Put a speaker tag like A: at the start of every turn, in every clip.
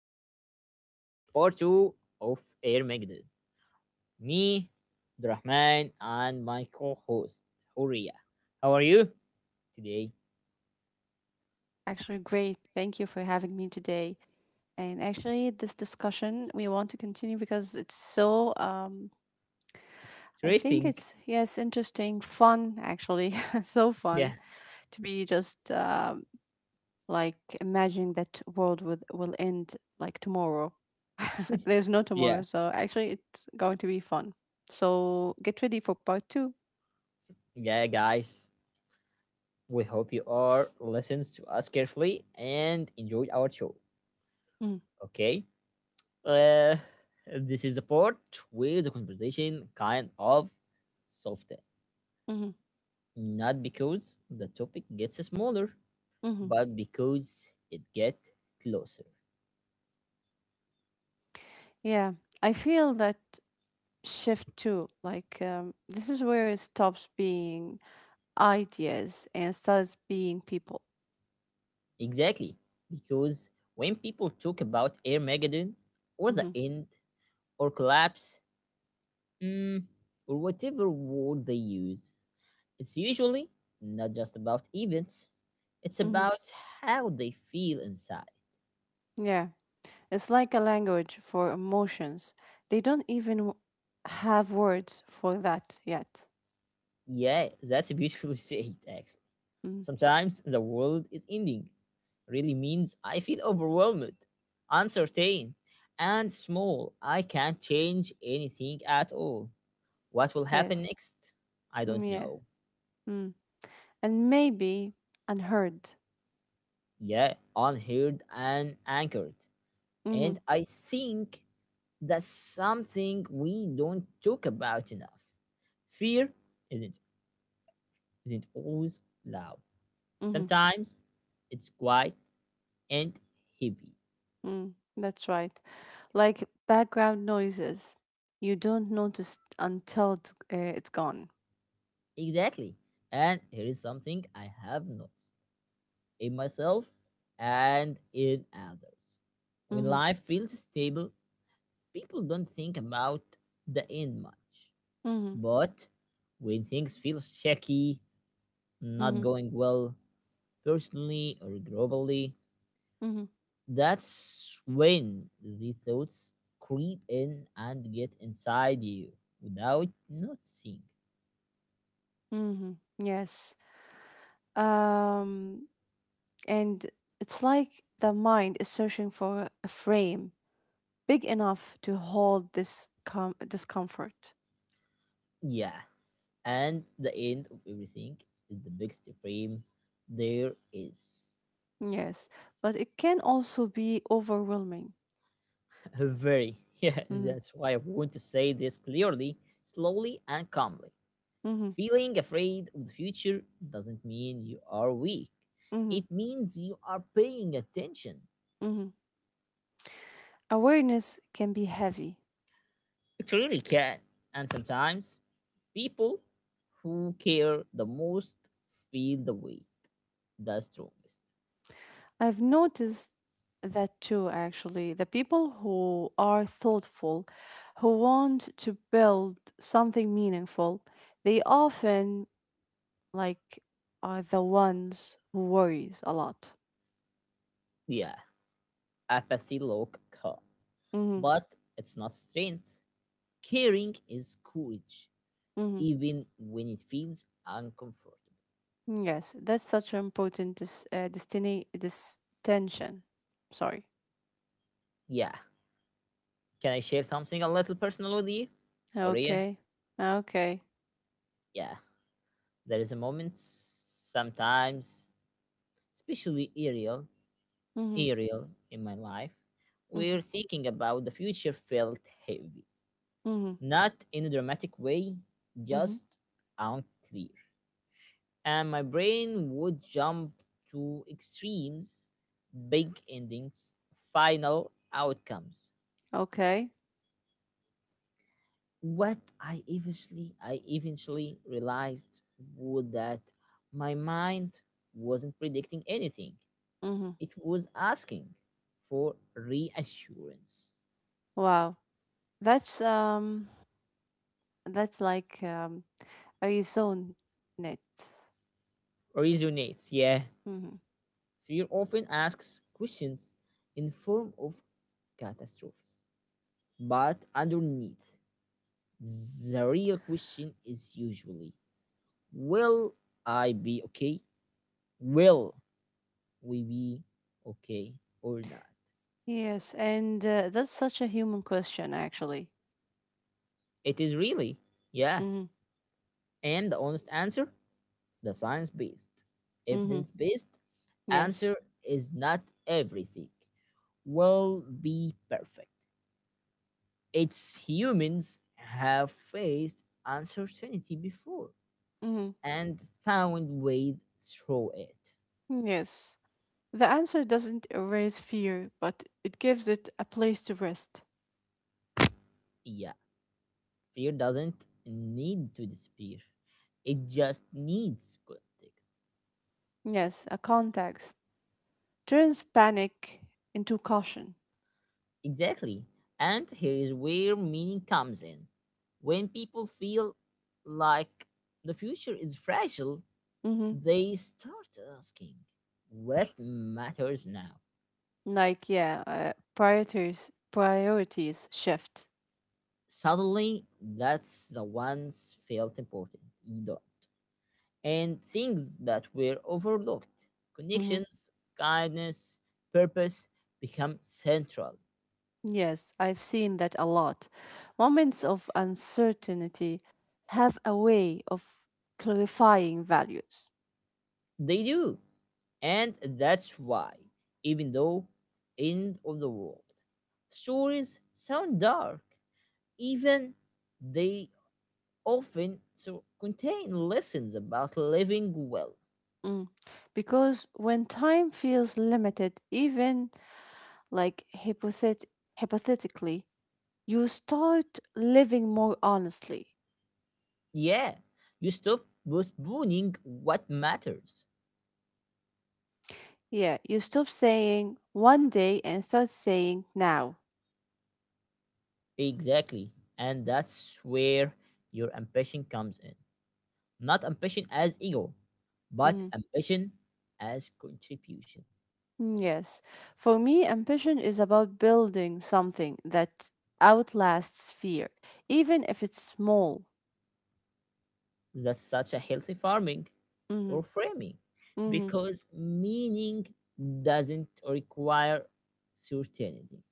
A: Here we go with part two of Air Magnet. Me, Rahman, and my co-host Horia. How are you today?
B: Actually, great. Thank you for having me today. And actually, this discussion we want to continue because it's so, I think
A: Interesting.
B: it's, yes, interesting, fun, actually. So
A: Yeah,
B: fun to be just like imagining that world with, will end like tomorrow. There's no
A: yeah,
B: tomorrow. So actually, it's going to be fun. So get ready for part two.
A: yeah, guys. We hope you are listens to us carefully and enjoy our show.
B: Mm,
A: Okay. Uh, this is a part where the conversation kind of soft.
B: hmm
A: Not because the topic gets smaller,
B: hmm.
A: but because it gets closer.
B: Yeah, I feel that shift too. This is where it stops being ideas and starts being people.
A: Exactly. Because when people talk about Armageddon or the
B: Hmm
A: end or collapse, mm, or whatever word they use, it's usually not just about events, it's
B: hmm.
A: about how they feel inside.
B: Yeah, it's like a language for emotions. They don't even w- have words for that yet.
A: Yeah, that's beautifully said, actually.
B: Mm.
A: Sometimes the world is ending really means I feel overwhelmed, uncertain, and small. I can't change anything at all. What will happen
B: Yes.
A: next? I
B: Mm,
A: don't
B: yeah,
A: know.
B: mm. And maybe unheard.
A: Yeah, unheard and anchored.
B: Hmm
A: And I think that's something we don't talk about enough. Fear isn't isn't always loud.
B: hmm.
A: Sometimes it's quiet and heavy.
B: Mm. That's right. Like background noises, you don't notice until it's gone.
A: Exactly. And here is something I have noticed in myself and in others. When
B: Hmm
A: life feels stable, people don't think about the end much.
B: hmm
A: But when things feel shaky, not
B: hmm
A: going well, personally or globally,
B: hmm
A: that's when the thoughts creep in and get inside you without noticing.
B: hmm. Yes. Um. And it's like the mind is searching for a frame big enough to hold this discomfort.
A: Yeah. And the end of everything is the biggest frame there is.
B: Yes, but it can also be overwhelming.
A: Very, yeah,
B: Mhm,
A: that's why I want to say this clearly, slowly, and calmly.
B: mhm,
A: Feeling afraid of the future doesn't mean you are weak,
B: mhm,
A: it means you are paying attention.
B: mhm. Awareness can be heavy.
A: It really can. And sometimes people who care the most feel the weight the strongest.
B: I've noticed that too, actually. The people who are thoughtful, who want to build something meaningful, they often like are the ones who worries a lot.
A: Yeah, apathy look calm,
B: Mhm.
A: but it's not strength. Caring is courage,
B: Hmm.
A: even when it feels uncomfortable.
B: Yes, that's such an important destiny this tension. Sorry.
A: Yeah. Can I share something a little personal with you, Horia?
B: Okay. Okay.
A: Yeah. There is a moment sometimes, especially Ariel,
B: Mm-hmm.
A: Ariel, in my life,
B: Mm-hmm.
A: where thinking about the future felt heavy.
B: Mm-hmm.
A: Not in a dramatic way,
B: Mm-hmm.
A: just unclear. And my brain would jump to extremes, big endings, final outcomes.
B: Okay.
A: What I eventually realized was that my mind wasn't predicting anything.
B: Mm-hmm.
A: It was asking for reassurance.
B: Wow. That's um. That's like. Are you so net?
A: Resonates, yeah.
B: Mm-hmm.
A: Fear often asks questions in form of catastrophes. But underneath, the real question is usually, will I be okay? Will we be okay or not?
B: Yes, and that's such a human question, actually.
A: It is really, yeah.
B: Mm-hmm.
A: And the honest answer? The science based,
B: Mm-hmm.
A: evidence based
B: Yes.
A: answer is not everything will be perfect. It's humans have faced uncertainty before
B: Mm-hmm.
A: and found ways through it.
B: Yes. The answer doesn't erase fear, but it gives it a place to rest.
A: Yeah, fear doesn't need to disappear, it just needs context.
B: Yes, a context turns panic into caution.
A: Exactly. And here is where meaning comes in. When people feel like the future is fragile,
B: Hmm.
A: they start asking, what matters now?
B: Like, yeah, priorities shift.
A: Suddenly, that's the ones felt important, you don't. And things that were overlooked,
B: Hmm.
A: connections, kindness, purpose become central.
B: Yes, I've seen that a lot. Moments of uncertainty have a way of clarifying values.
A: They do. And that's why, even though end of the world stories sound dark, even they often so contain lessons about living well.
B: Mm. Because when time feels limited, even like hypothetically, you start living more honestly.
A: Yeah, you stop postponing what matters.
B: Yeah, you stop saying one day and start saying now.
A: Exactly. And that's where your ambition comes in. Not ambition as ego, but
B: Mhm.
A: ambition as contribution.
B: Mm, yes. For me, ambition is about building something that outlasts fear, even if it's small.
A: That's such a healthy farming
B: Mm-hmm.
A: or framing
B: Mm-hmm.
A: because meaning doesn't require certainty,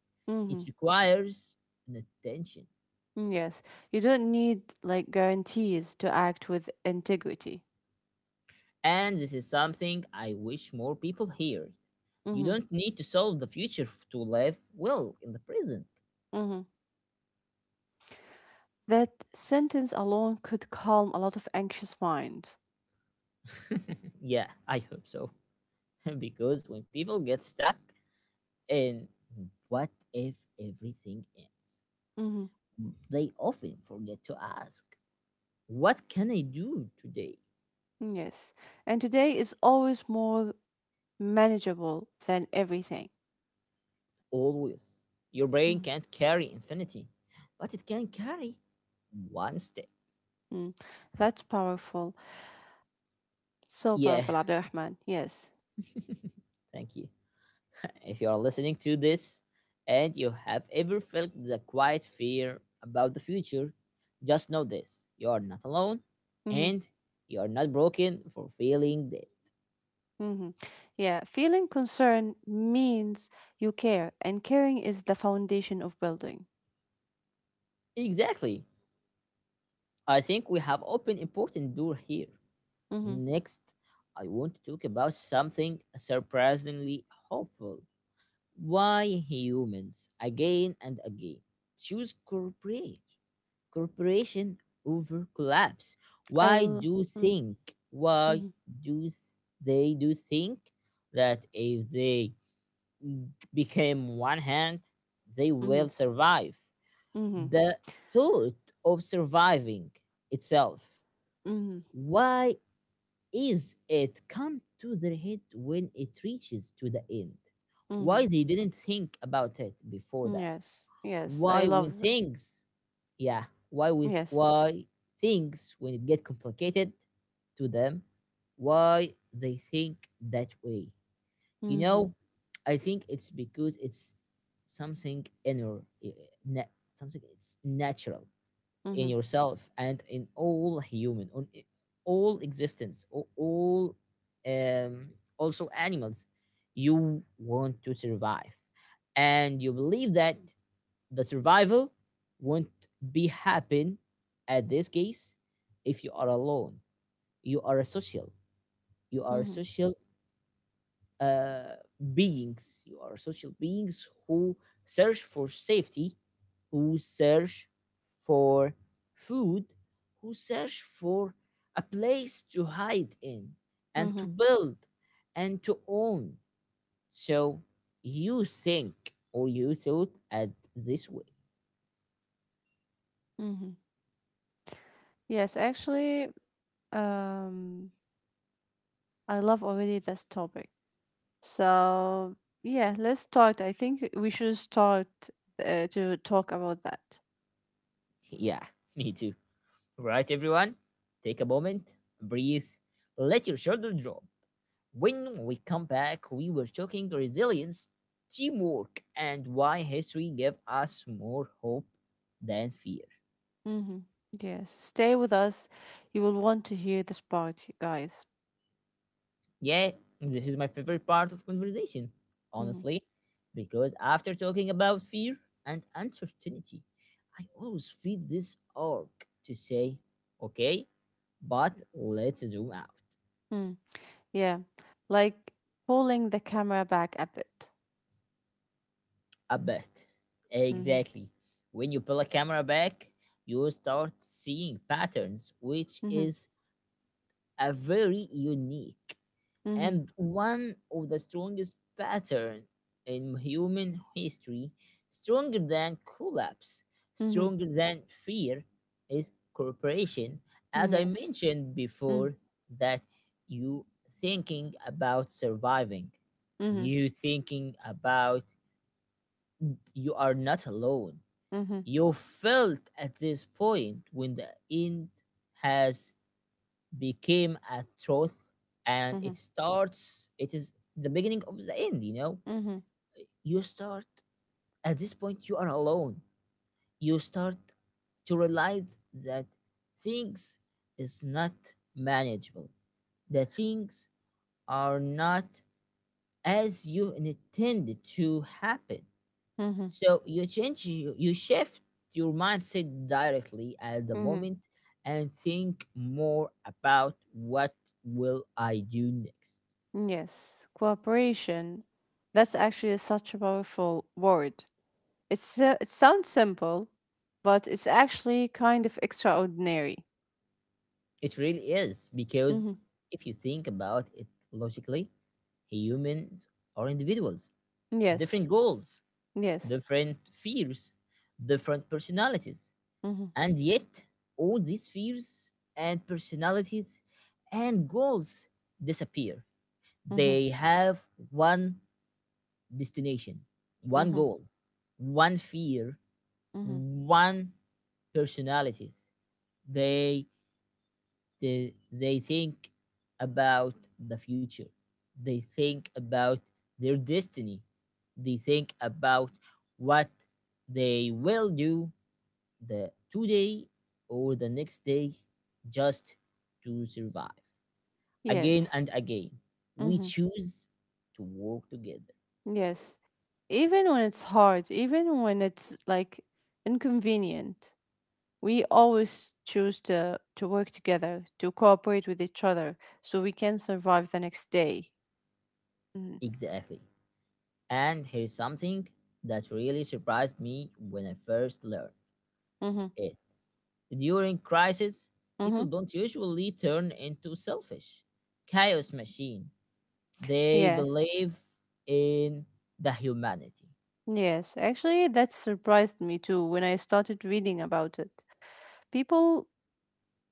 A: it
B: Mm-hmm.
A: requires an attention.
B: Mm, yes. You don't need guarantees to act with integrity.
A: And this is something I wish more people hear. You
B: Mm-hmm.
A: don't need to solve the future to live well in the present.
B: Mm-hmm. That sentence alone could calm a lot of anxious mind.
A: Yeah, I hope so. Because when people get stuck in what if everything ends,
B: Mm-hmm.
A: they often forget to ask, what can I do today?
B: Mm, yes. And today is always more manageable than everything.
A: Always. Your brain
B: Mm,
A: can't carry infinity, but it can carry one step.
B: mm. That's powerful. So
A: Yeah,
B: powerful, Abdurrahman. Yes.
A: thank you. If you are listening to this and you have ever felt the quiet fear about the future, just know this, you are not alone
B: Hmm
A: and you are not broken for feeling that.
B: hmm. Yeah. Feeling concern means you care, and caring is the foundation of building.
A: Exactly. I think we have opened important door here.
B: Mm-hmm.
A: Next, I want to talk about something surprisingly hopeful. Why humans, again and again, choose corporate corporation over collapse? Why
B: I'll.
A: do
B: Mm,
A: think? Why
B: mm-hmm.
A: do they do think that if they became one hand, they
B: Mm-hmm.
A: will survive?
B: Mm-hmm.
A: The thought of surviving itself.
B: Mm-hmm.
A: Why is it come to their head when it reaches to the end?
B: Mm-hmm. Mm-hmm.
A: Why they didn't think about it before that?
B: Yes. Yes. I
A: Why when
B: love that.
A: things, yeah, why with
B: Yes.
A: why things when it get complicated to them, why they think that way? You
B: Mm-hmm.
A: know, I think it's because it's something inner, something, it's natural in
B: Mm-hmm.
A: yourself and in all human, all existence, all, also animals. You want to survive and you believe that the survival won't be happen at this case if you are alone. you are a social you are a
B: Mm-hmm.
A: social beings. You are social beings who search for safety, who search for food, who search for a place to hide in and
B: Mm-hmm.
A: to build and to own. So you think or you thought at this way.
B: Mm-hmm. Yes. Actually, um, I love already this topic. So, yeah, let's start. I think we should start to talk about that.
A: Yeah, me too. Right, everyone? Take a moment, breathe, let your shoulder drop. When we come back, we were talking resilience, teamwork, and why history gave us more hope than fear.
B: Hmm. Yes, stay with us. You will want to hear this part, you guys.
A: Yeah, this is my favorite part of conversation,
B: Hmm.
A: honestly, because after talking about fear and uncertainty, I always feel this urge to say, okay, but let's zoom out
B: Mm. Yeah, like pulling the camera back a bit.
A: a bit.
B: Hmm
A: Exactly. When you pull a camera back, you start seeing patterns, which
B: hmm
A: is a very unique
B: hmm
A: and one of the strongest pattern in human history, stronger than collapse,
B: hmm.
A: stronger than fear, is cooperation. As I
B: Yes.
A: mentioned
B: Mm.
A: before, that you thinking about surviving,
B: Hmm
A: you thinking about you are not alone.
B: hmm
A: You felt at this point when the end has became a truth and it
B: hmm
A: starts it is the beginning of the end. You know,
B: hmm
A: you start at this point you are alone, you start to realize that things is not manageable, the things are not as you intended to happen.
B: hmm
A: So you change you shift your mindset directly at the
B: hmm.
A: moment and think more about what will I do next.
B: Yes, cooperation. That's actually such a powerful word. It sounds simple, but it's actually kind of extraordinary.
A: It really is,
B: Hmm.
A: because if you think about it logically, humans are individuals,
B: Yes,
A: different goals,
B: yes.
A: different fears, different personalities.
B: Hmm
A: And yet, all these fears and personalities and goals disappear.
B: hmm
A: They have one destination, one
B: hmm
A: goal, one fear,
B: hmm.
A: one personalities. They they think about the future. They think about their destiny. They think about what they will do the today or the next day just to survive. Again
B: Yes,
A: and again, we
B: hmm
A: choose to work together.
B: yes. Even when it's hard, even when it's like inconvenient, we always choose to work together, to cooperate with each other so we can survive the next day.
A: Exactly. And here's something that really surprised me when I first learned
B: Mm-hmm.
A: it. During crisis,
B: Hmm.
A: people don't usually turn into selfish chaos machine. They
B: Yeah,
A: believe in the humanity.
B: yes. Actually, that surprised me too when I started reading about it. People,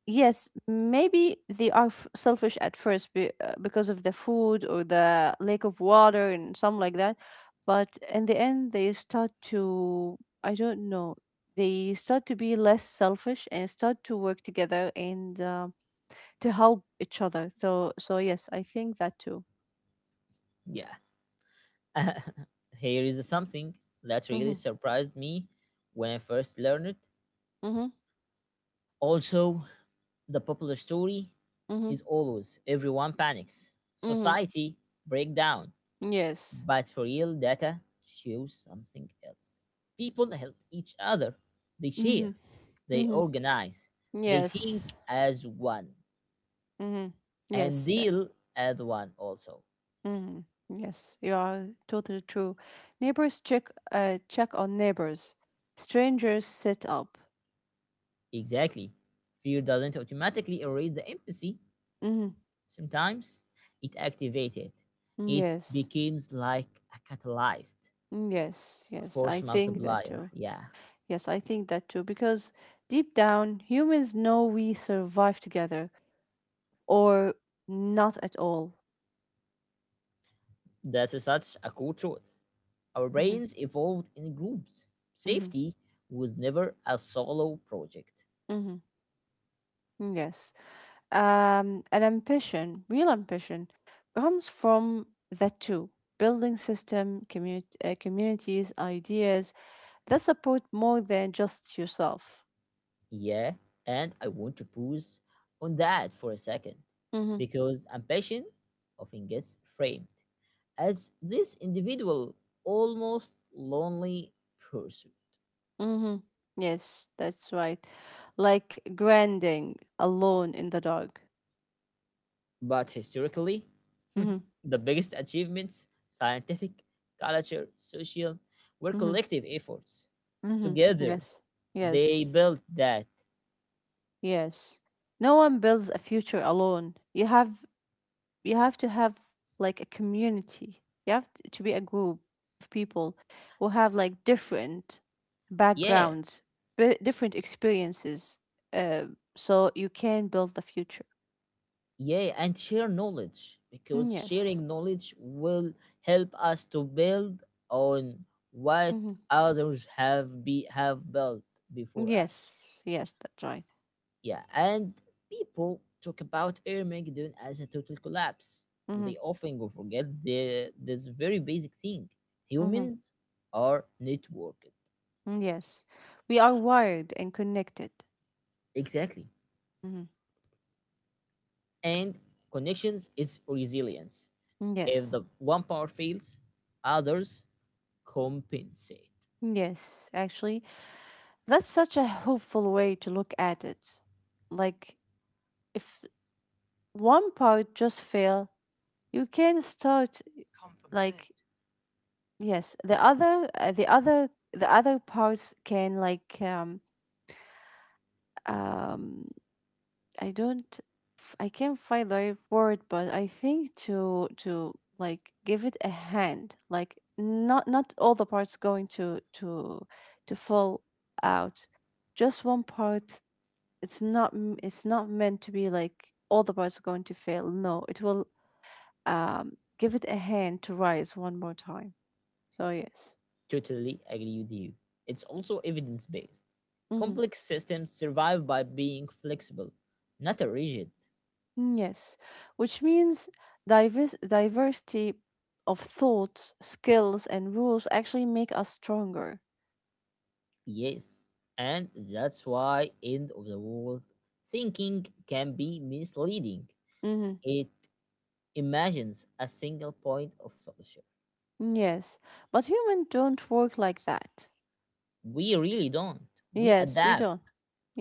B: yes, maybe they are selfish at first because of the food or the lack of water and some like that. But in the end, they start to, I don't know, they start to be less selfish and start to work together and to help each other. So, so yes, I think that too.
A: Yeah. Here is something that really
B: Mm-hmm.
A: surprised me when I first learned it.
B: Mm-hmm.
A: Also, the popular story
B: Mm-hmm.
A: is always everyone panics,
B: Mm-hmm.
A: society break down.
B: Yes.
A: But for real data shows something else. People help each other. They
B: Mm-hmm.
A: share. They
B: Mm-hmm.
A: organize. They think
B: Yes.
A: as one
B: Mm-hmm.
A: and
B: Yes.
A: deal as one also.
B: Mm, yes, you are totally true. Neighbors check on neighbors. Strangers set up.
A: Exactly. Fear doesn't automatically erase the empathy.
B: Mm,
A: Sometimes it activates it. It
B: yes,
A: becomes like a catalyst,
B: yes, yes. I
A: force
B: think that
A: multiplier.
B: too.
A: Yeah.
B: Yes, I think that too. Because deep down, humans know we survive together or not at all.
A: That's such a cool truth. Our
B: Mm-hmm,
A: brains evolved in groups.
B: mm-hmm,
A: Safety was never a solo project.
B: mm-hmm. Yes. An ambition, real ambition, comes from that too. Building system, communities, ideas that support more than just yourself.
A: Yeah, and I want to pause on that for a second
B: Mm-hmm.
A: because ambition often gets framed as this individual, almost lonely pursuit.
B: Mm-hmm. Yes, that's right. Like grinding alone in the dark.
A: But historically,
B: Mm-hmm.
A: the biggest achievements, scientific, culture, social, were
B: Mm-hmm.
A: collective efforts.
B: Mm-hmm.
A: Together,
B: Yes.
A: they
B: Yes.
A: built that.
B: Yes. No one builds a future alone. You have to have like a community. You have to be a group of people who have like different
A: Yeah,
B: backgrounds, different experiences, uh, so you can build the future.
A: yeah, and share knowledge because
B: Yes.
A: sharing knowledge will help us to build on what
B: Mm-hmm.
A: others have built before us.
B: Yes, yes, that's right.
A: Yeah, and people talk about Air Armageddon as a total collapse.
B: Mm-hmm.
A: They often go forget the this very basic thing.
B: Mm-hmm.
A: Humans are networked.
B: Yes, we are wired and connected.
A: Exactly.
B: Mm-hmm.
A: And connections is resilience. If
B: Yes,
A: the one power fails, others compensate.
B: yes, actually, that's such a hopeful way to look at it. Like, if one part just fail, you can start like yes, the other parts can like um I don't f- I can't find the right word, but I think to like give it a hand, like not all the parts going to fall out. Just one part. It's not meant to be like all the parts going to fail. No, it will give it a hand to rise one more time. So yes.
A: Totally agree with you. It's also evidence based.
B: Mm-hmm.
A: Complex systems survive by being flexible, not rigid.
B: Mm, yes, which means diversity of thoughts, skills, and rules actually make us stronger.
A: Yes, and that's why end of the world thinking can be misleading.
B: Hmm.
A: It imagines a single point of solution.
B: Yes, but humans don't work like that.
A: We really don't. We
B: Yes, we
A: adapt.
B: don't.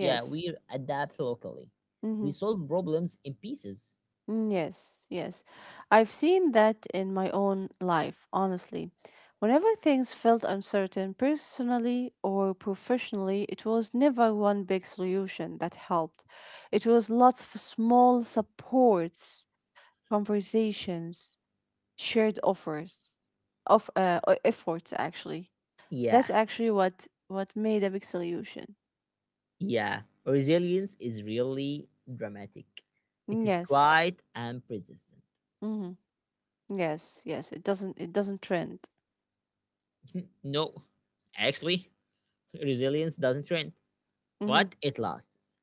A: Yeah, we adapt locally.
B: Hmm.
A: We solve problems in pieces.
B: Yes, yes. I've seen that in my own life, honestly. Whenever things felt uncertain, personally or professionally, it was never one big solution that helped. It was lots of small supports conversations, shared offers, of efforts actually.
A: Yeah,
B: That's actually what made a big solution.
A: yeah. Resilience is really dramatic. It is
B: Yes.
A: quiet and persistent.
B: Mm-hmm. Yes. Yes. It doesn't. It doesn't trend.
A: No, actually, resilience doesn't trend,
B: Mm-hmm.
A: but it lasts.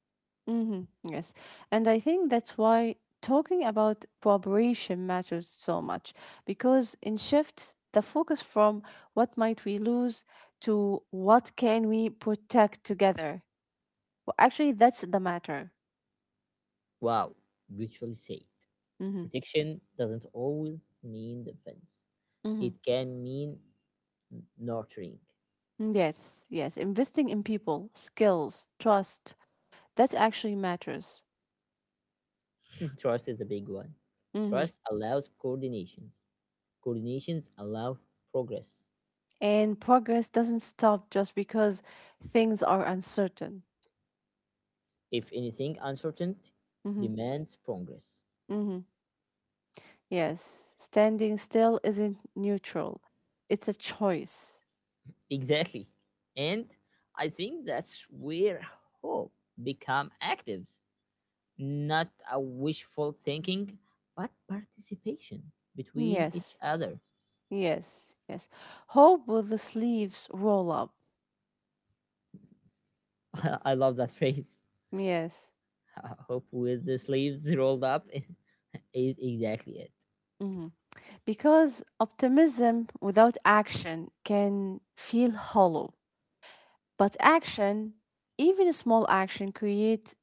B: Mm-hmm. Yes. And I think that's why talking about cooperation matters so much because in shifts the focus from what might we lose to what can we protect together. Well, actually, that's the matter.
A: Wow, beautifully said.
B: Mm-hmm.
A: Protection doesn't always mean defense.
B: Mm-hmm.
A: It can mean nurturing.
B: Yes, yes. Investing in people, skills, trust, that actually matters.
A: Trust is a big one.
B: Hmm.
A: Trust allows coordinations. Coordinations allow progress.
B: And progress doesn't stop just because things are uncertain.
A: If anything, uncertainty
B: Hmm
A: demands progress.
B: hmm. Yes, standing still isn't neutral, it's a choice.
A: Exactly. And I think that's where hope become actives, not a wishful thinking, but participation between each
B: Yes,
A: other.
B: yes, yes. Hope with the sleeves roll up.
A: I love that phrase.
B: Yes.
A: I hope with the sleeves rolled up is exactly it.
B: Hmm. Because optimism without action can feel hollow. But action, even small action, create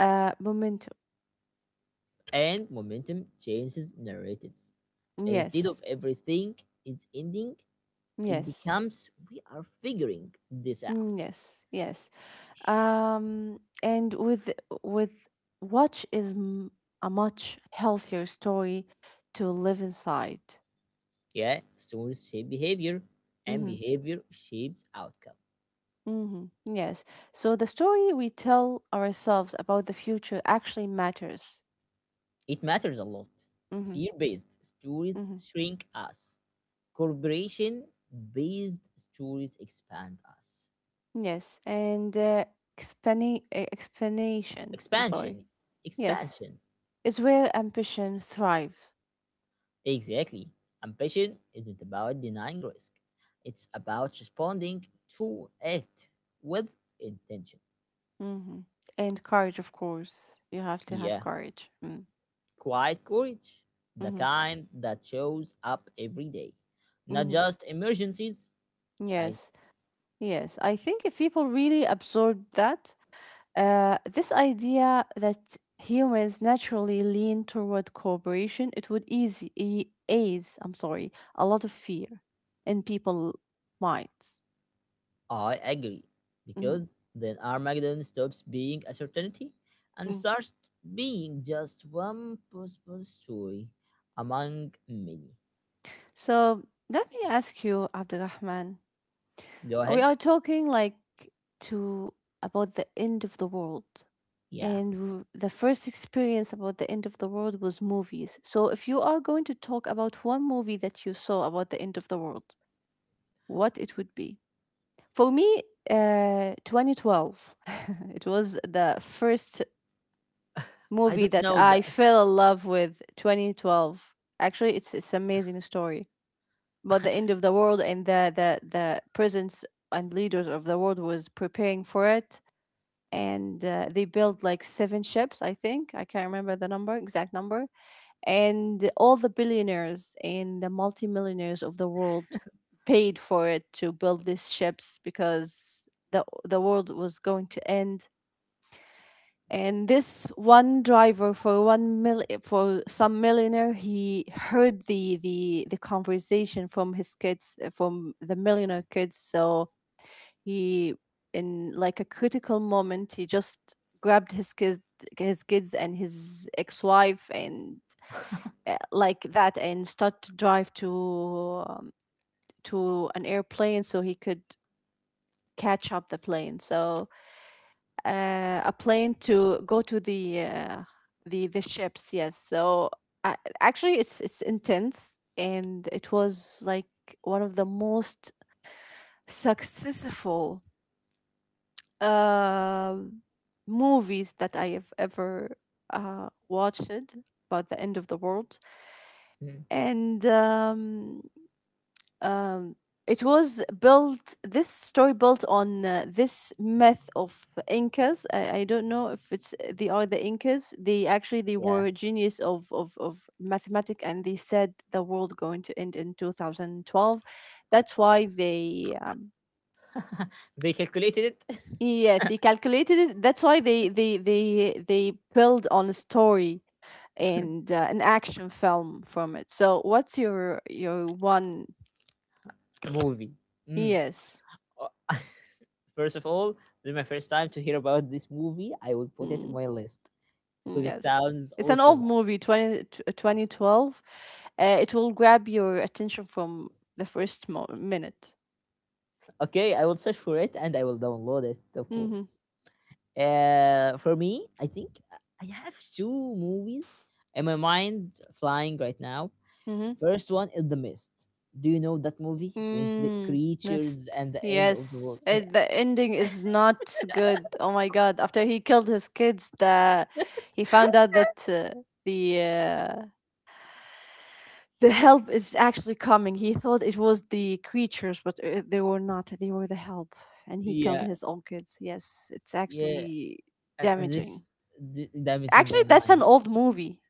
B: a momentum.
A: And momentum changes narratives. Instead of
B: Yes,
A: everything is ending, it
B: yes,
A: becomes we are figuring this
B: mm,
A: out.
B: yes, yes. And with watch is m- A much healthier story to live inside.
A: Yeah, stories shape behavior, and
B: Mm-hmm.
A: behavior shapes outcome.
B: Mm-hmm. Yes. So the story we tell ourselves about the future actually matters.
A: It matters a lot.
B: Mm-hmm.
A: Fear based stories
B: Mm-hmm.
A: shrink us, corporation based stories expand us.
B: Yes. And explanation. I'm sorry.
A: Expansion,
B: Yes.
A: expansion.
B: Is where ambition thrive.
A: Exactly. Ambition isn't about denying risk, it's about responding to it with intention.
B: Hmm. And courage, of course. You have to have
A: Yeah,
B: courage.
A: quiet courage, the
B: Mm-hmm.
A: kind that shows up every day, not
B: Hmm.
A: just emergencies. I,
B: Yes, yes. I think if people really absorb that, this idea that humans naturally lean toward cooperation, it would ease. I'm sorry, a lot of fear in people minds.
A: I agree,
B: Hmm.
A: because then Armageddon stops being a certainty and starts being just one possible story among many.
B: So let me ask you, Abdulrahman.
A: Go
B: We
A: ahead.
B: are talking like to about the end of the world.
A: Yeah,
B: And the first experience about the end of the world was movies. So if you are going to talk about one movie that you saw about the end of the world, what it would be? For me, 2012. It was the first
A: I
B: movie
A: don't
B: that
A: know
B: I
A: that.
B: fell in love with 2012. Actually, it's amazing story about the end of the world and the presence and leaders of the world was preparing for it and they built like seven ships. I think I can't remember the number, exact number, and all the billionaires and the multimillionaires of the world paid for it to build these ships because the world was going to end, and this one driver for one mil for some millionaire, he heard the conversation from his kids, from the millionaire kids. So he, in like a critical moment, he just grabbed his kids, and his ex-wife, and like that, and start to drive to an airplane so he could catch up the plane. So a plane to go to the ships. Yes. So uh, actually, it's intense, and it was like one of the most successful Uh, movies that I have ever watched about the end of the world. And um, it was built, this story built on this myth of Incas. I don't know if it's they are the Incas. They actually, they
A: Yeah.
B: were genius of mathematics, and they said the world going to end in 2012. That's why they
A: They calculated it.
B: Yes, they calculated it. That's why they build on a story and an action film from it. So what's your one?
A: Movie. Mm.
B: Yes,
A: First of all, this is my first time to hear about this movie. I will put it in
B: mm,
A: my list because it
B: yes.
A: sounds
B: It's an old
A: awesome.
B: movie, 2012. It will grab your attention from the minute.
A: Okay, I will search for it and I will download it, of
B: Mm-hmm.
A: course. For me, I think I have two movies in my mind flying right now.
B: Mm-hmm.
A: First one is The Mist. Do you know that movie? When
B: Mm,
A: creatures
B: missed.
A: and the end of the
B: Yes,
A: world. Yeah,
B: it, the ending is not good. Oh my God! After he killed his kids, the he found out that the uh, the help is actually coming. He thought it was the creatures, but they were not. They were the help, and he killed
A: yeah,
B: his own kids. Yes, it's
A: yeah.
B: actually
A: And
B: damaging.
A: this damaging my
B: Actually, that's an
A: mind.
B: old movie.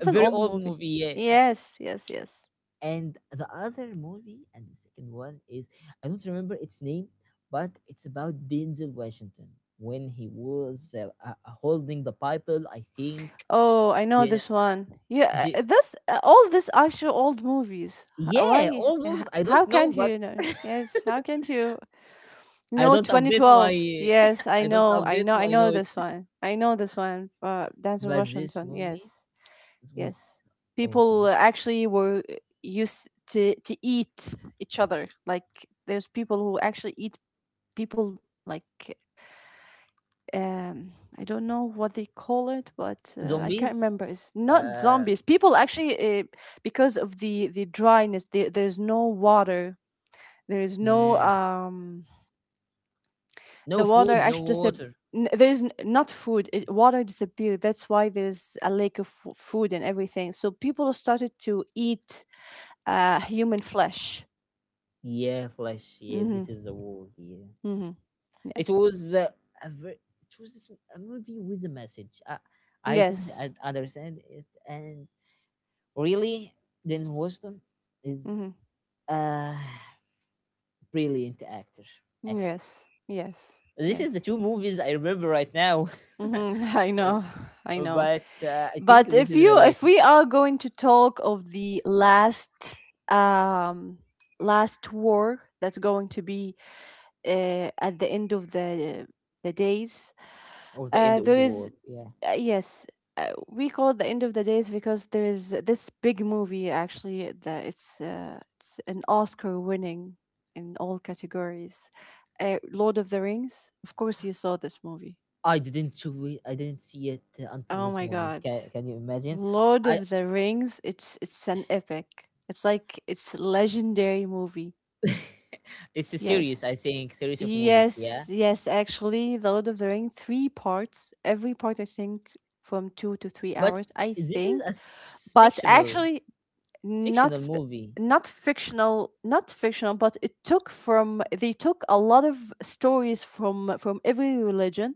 A: A
B: an
A: very
B: old
A: old
B: movie.
A: movie. Yeah.
B: Yes, yes, yes.
A: And the other movie, and the second one is I don't remember its name, but it's about Denzel Washington when he was holding the Bible. I think.
B: Oh, I know
A: Yeah,
B: this one. Yeah,
A: the,
B: this all this actual old movies. Why?
A: yeah, all movies. I don't
B: How
A: know,
B: can't
A: but
B: you know? Yes, how can't you
A: I
B: know
A: don't update my
B: 2012? Yes, I
A: I don't
B: know, I
A: update
B: know, I
A: my
B: know
A: note.
B: this one. I know this one. Denzel
A: But this
B: Washington.
A: movie
B: Yes,
A: was
B: yes. People
A: awesome.
B: actually were used to eat each other. Like there's people who actually eat people like um I don't know what they call it, but I can't
A: Zombies.
B: remember, it's not
A: Uh,
B: zombies, people actually uh, because of the dryness, there's no water, there is no
A: mm, no
B: the water
A: food, no
B: actually
A: water.
B: there is not food, water disappeared. That's why there's a lack of food and everything, so people started to eat human flesh.
A: Yeah, flesh. Yeah,
B: Mm-hmm.
A: this is the world. Yeah.
B: Mm-hmm.
A: It
B: Yes,
A: was it was a movie with a message. I totally
B: yes.
A: understand it, and really, Denzel Washington is
B: Mm-hmm.
A: a brilliant actor. Actually,
B: Yes, yes,
A: this is the
B: yes.
A: two movies I remember right now.
B: Mm-hmm. I know. I know.
A: But I think
B: But
A: this
B: if
A: is
B: you, if
A: related
B: we are going to talk of the last um last war, that's going to be at the end of the days,
A: or the end of
B: there
A: the
B: is,
A: world. Yeah,
B: yes, we call it the end of the days, because there is this big movie actually that it's an Oscar winning in all categories. Lord of the Rings. Of course, you saw this movie.
A: I didn't see it. I didn't see it until
B: Oh
A: this
B: my
A: moment.
B: God.
A: Can you imagine?
B: Lord
A: I
B: of the Rings, it's an epic. It's like it's legendary movie.
A: it's a series.
B: Yes.
A: I think series of movies. Yeah,
B: Yes, yes, actually, The Lord of the Rings, three parts. Every part I think from two to three
A: but
B: hours, I
A: this is a
B: think. But actually not
A: fictional
B: sp-
A: movie.
B: not fictional, not fictional, but it took from, they took a lot of stories from every religion.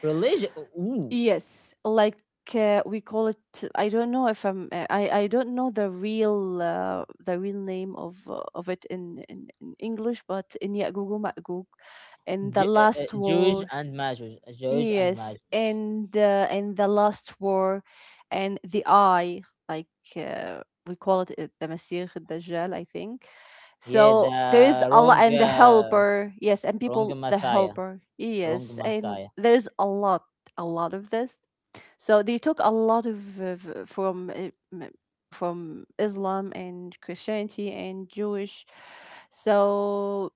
A: Religion. Ooh,
B: Yes, like we call it. I don't know if I'm I don't know the real name of it in English, but in Ya'gug wa Ma'gug, in the last
A: Jewish
B: war,
A: and Majuj. Jewish and
B: yes,
A: Majuj.
B: and in the last war, and the eye, like uh, we call it the Masih Dajjal, I think.
A: Yeah,
B: So
A: the
B: there is a lot, and the helper, yes, and
A: wrong
B: people, the
A: Messiah.
B: helper,
A: Wrong
B: yes, and
A: Messiah.
B: there's a lot of this. So they took a lot of, from from Islam and Christianity and Jewish. So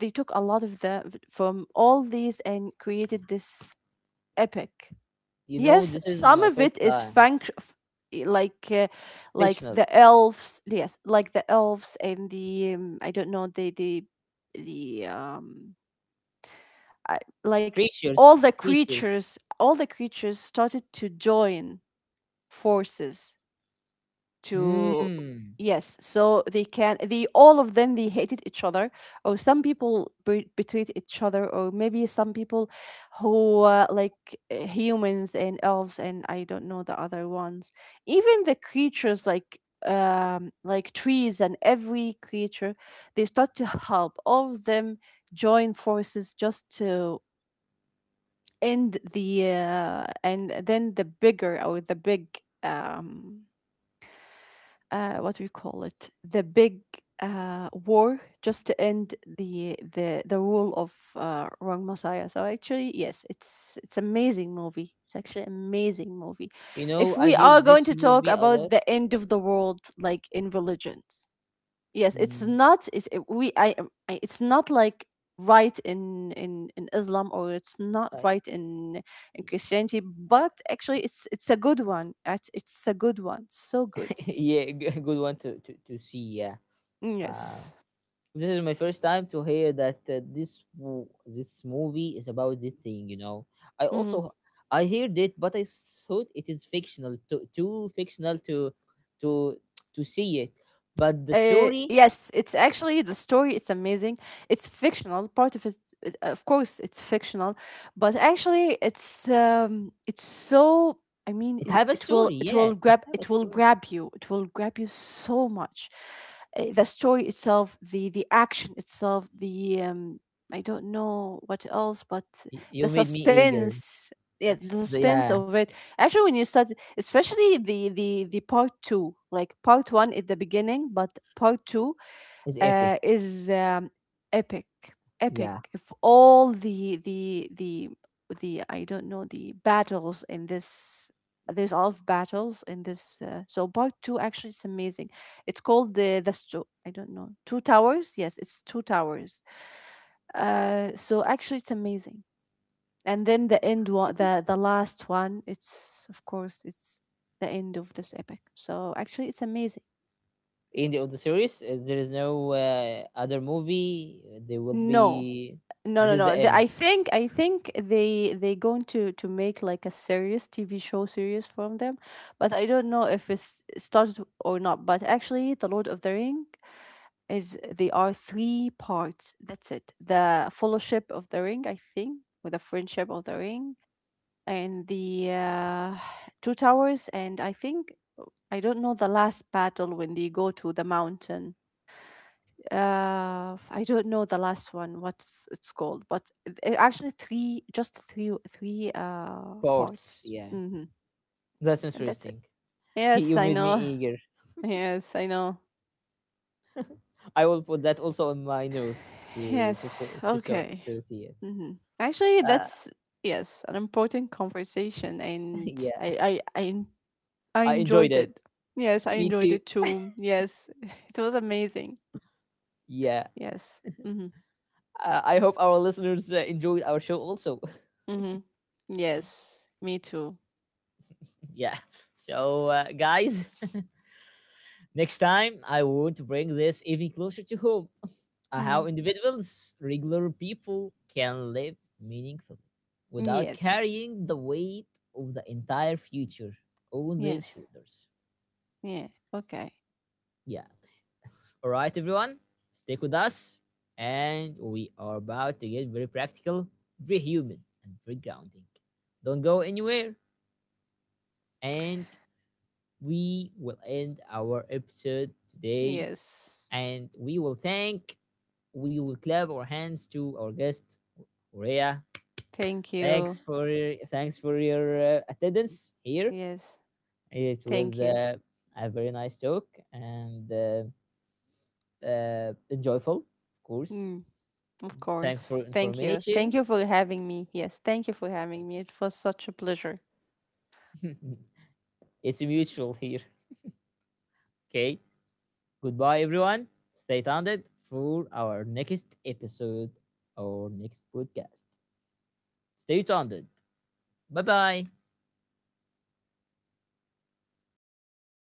B: they took a lot of from all these and created this epic.
A: You know,
B: Yes,
A: this is
B: some
A: my
B: of
A: first
B: it is
A: time.
B: like uh, like
A: Fictional
B: the elves. Yes, like the elves and the I don't know the the um I, like all
A: creatures.
B: the
A: Creatures.
B: creatures, all the creatures started to join forces to,
A: Hmm.
B: yes, so they can, they, all of them, they hated each other, or some people betrayed each other, or maybe some people who like humans and elves, and I don't know the other ones. Even the creatures like trees and every creature, they start to help, all of them join forces just to end the and then the bigger or the big um what do you call it? The big war, just to end the rule of Wrong Messiah. So actually, yes, it's amazing movie. It's actually amazing movie.
A: You know,
B: If
A: I
B: we
A: hear
B: are going
A: this
B: to talk
A: movie a
B: about
A: lot.
B: the end of the world, like in religions, yes, it's
A: Mm.
B: not. It's, I it's not like right in Islam, or it's not
A: I,
B: right in Christianity, but actually it's a good one. It's a good one, so good.
A: yeah, good one to see. Yeah. Uh,
B: Yes.
A: this is my first time to hear that this this movie is about this thing. You know, I
B: Hmm.
A: also I heard it, but I thought it is fictional, too fictional to to to see it, but the story
B: Yes, it's actually the story. It's amazing. It's fictional. Part of it, of course, it's fictional, but actually, it's so. I mean,
A: it
B: it,
A: have a
B: it will
A: story.
B: it
A: Yeah,
B: will
A: it
B: grab
A: have a
B: it will
A: story.
B: grab you. It will grab you so much. The story itself, the action itself, the I don't know what else, but
A: You
B: the
A: made me eager.
B: suspense. Yeah,
A: Y-
B: the
A: so
B: suspense
A: yeah,
B: of it. Actually, when you start, especially the part two, like part one at the beginning, but part two
A: it's epic.
B: is epic, epic.
A: Yeah,
B: If all the I don't know, the battles in this, there's all of battles in this, so part two, actually it's amazing. It's called the I don't know, two towers, yes, it's two towers. So actually it's amazing. And then the end one, the last one, it's of course it's the end of this epic. So actually it's amazing.
A: in the other series, there is no other movie. There will
B: no
A: be
B: no
A: this
B: no
A: is the
B: no the,
A: end.
B: I think, I think they going to make like a serious TV show series from them, but I don't know if it's started or not. But actually, the Lord of the Ring is, they are three parts, that's it. The Fellowship of the Ring, I think, or the Friendship of the Ring, and the Two Towers, and I think I don't know the last battle when they go to the mountain. I don't know the last one, what's it's called? But it actually, three, just three, three
A: Sports,
B: parts.
A: yeah.
B: Mm-hmm.
A: That's
B: And that's it.
A: interesting.
B: Yes,
A: You
B: I
A: made me
B: know.
A: eager.
B: Yes, I know.
A: I will put that also in my note to
B: Yes.
A: to, so
B: Okay.
A: to see it.
B: Mm-hmm. Actually,
A: Uh,
B: that's yes, an important conversation, and
A: yeah,
B: I, I, I, en- I
A: I enjoyed
B: enjoyed
A: it.
B: it. Yes, I
A: Me
B: enjoyed
A: too.
B: it too. Yes, it was amazing.
A: Yeah.
B: Yes. Mm-hmm.
A: I hope our listeners enjoyed our show also.
B: Mm-hmm. Yes, me too.
A: Yeah. So, guys. Next time, I want to bring this even closer to home
B: Hmm.
A: how individuals, regular people, can live meaningfully without
B: Yes,
A: carrying the weight of the entire future on their
B: yes,
A: shoulders.
B: yeah, okay.
A: Yeah. All right, everyone, stick with us. And we are about to get very practical, very human, and very grounding. Don't go anywhere. And we will end our episode today.
B: Yes,
A: And we will clap our hands to our guest Urea.
B: thank you.
A: Thanks for your attendance here.
B: Yes,
A: It was
B: thank you.
A: a very nice talk and enjoyable, of course.
B: Mm, of
A: Thanks for
B: course, thank you. Thank
A: information.
B: you for having me. Yes, thank you for having me. It was such a pleasure.
A: It's mutual here. Okay. Goodbye, everyone. Stay tuned for our next episode or next podcast. Stay tuned. Bye bye.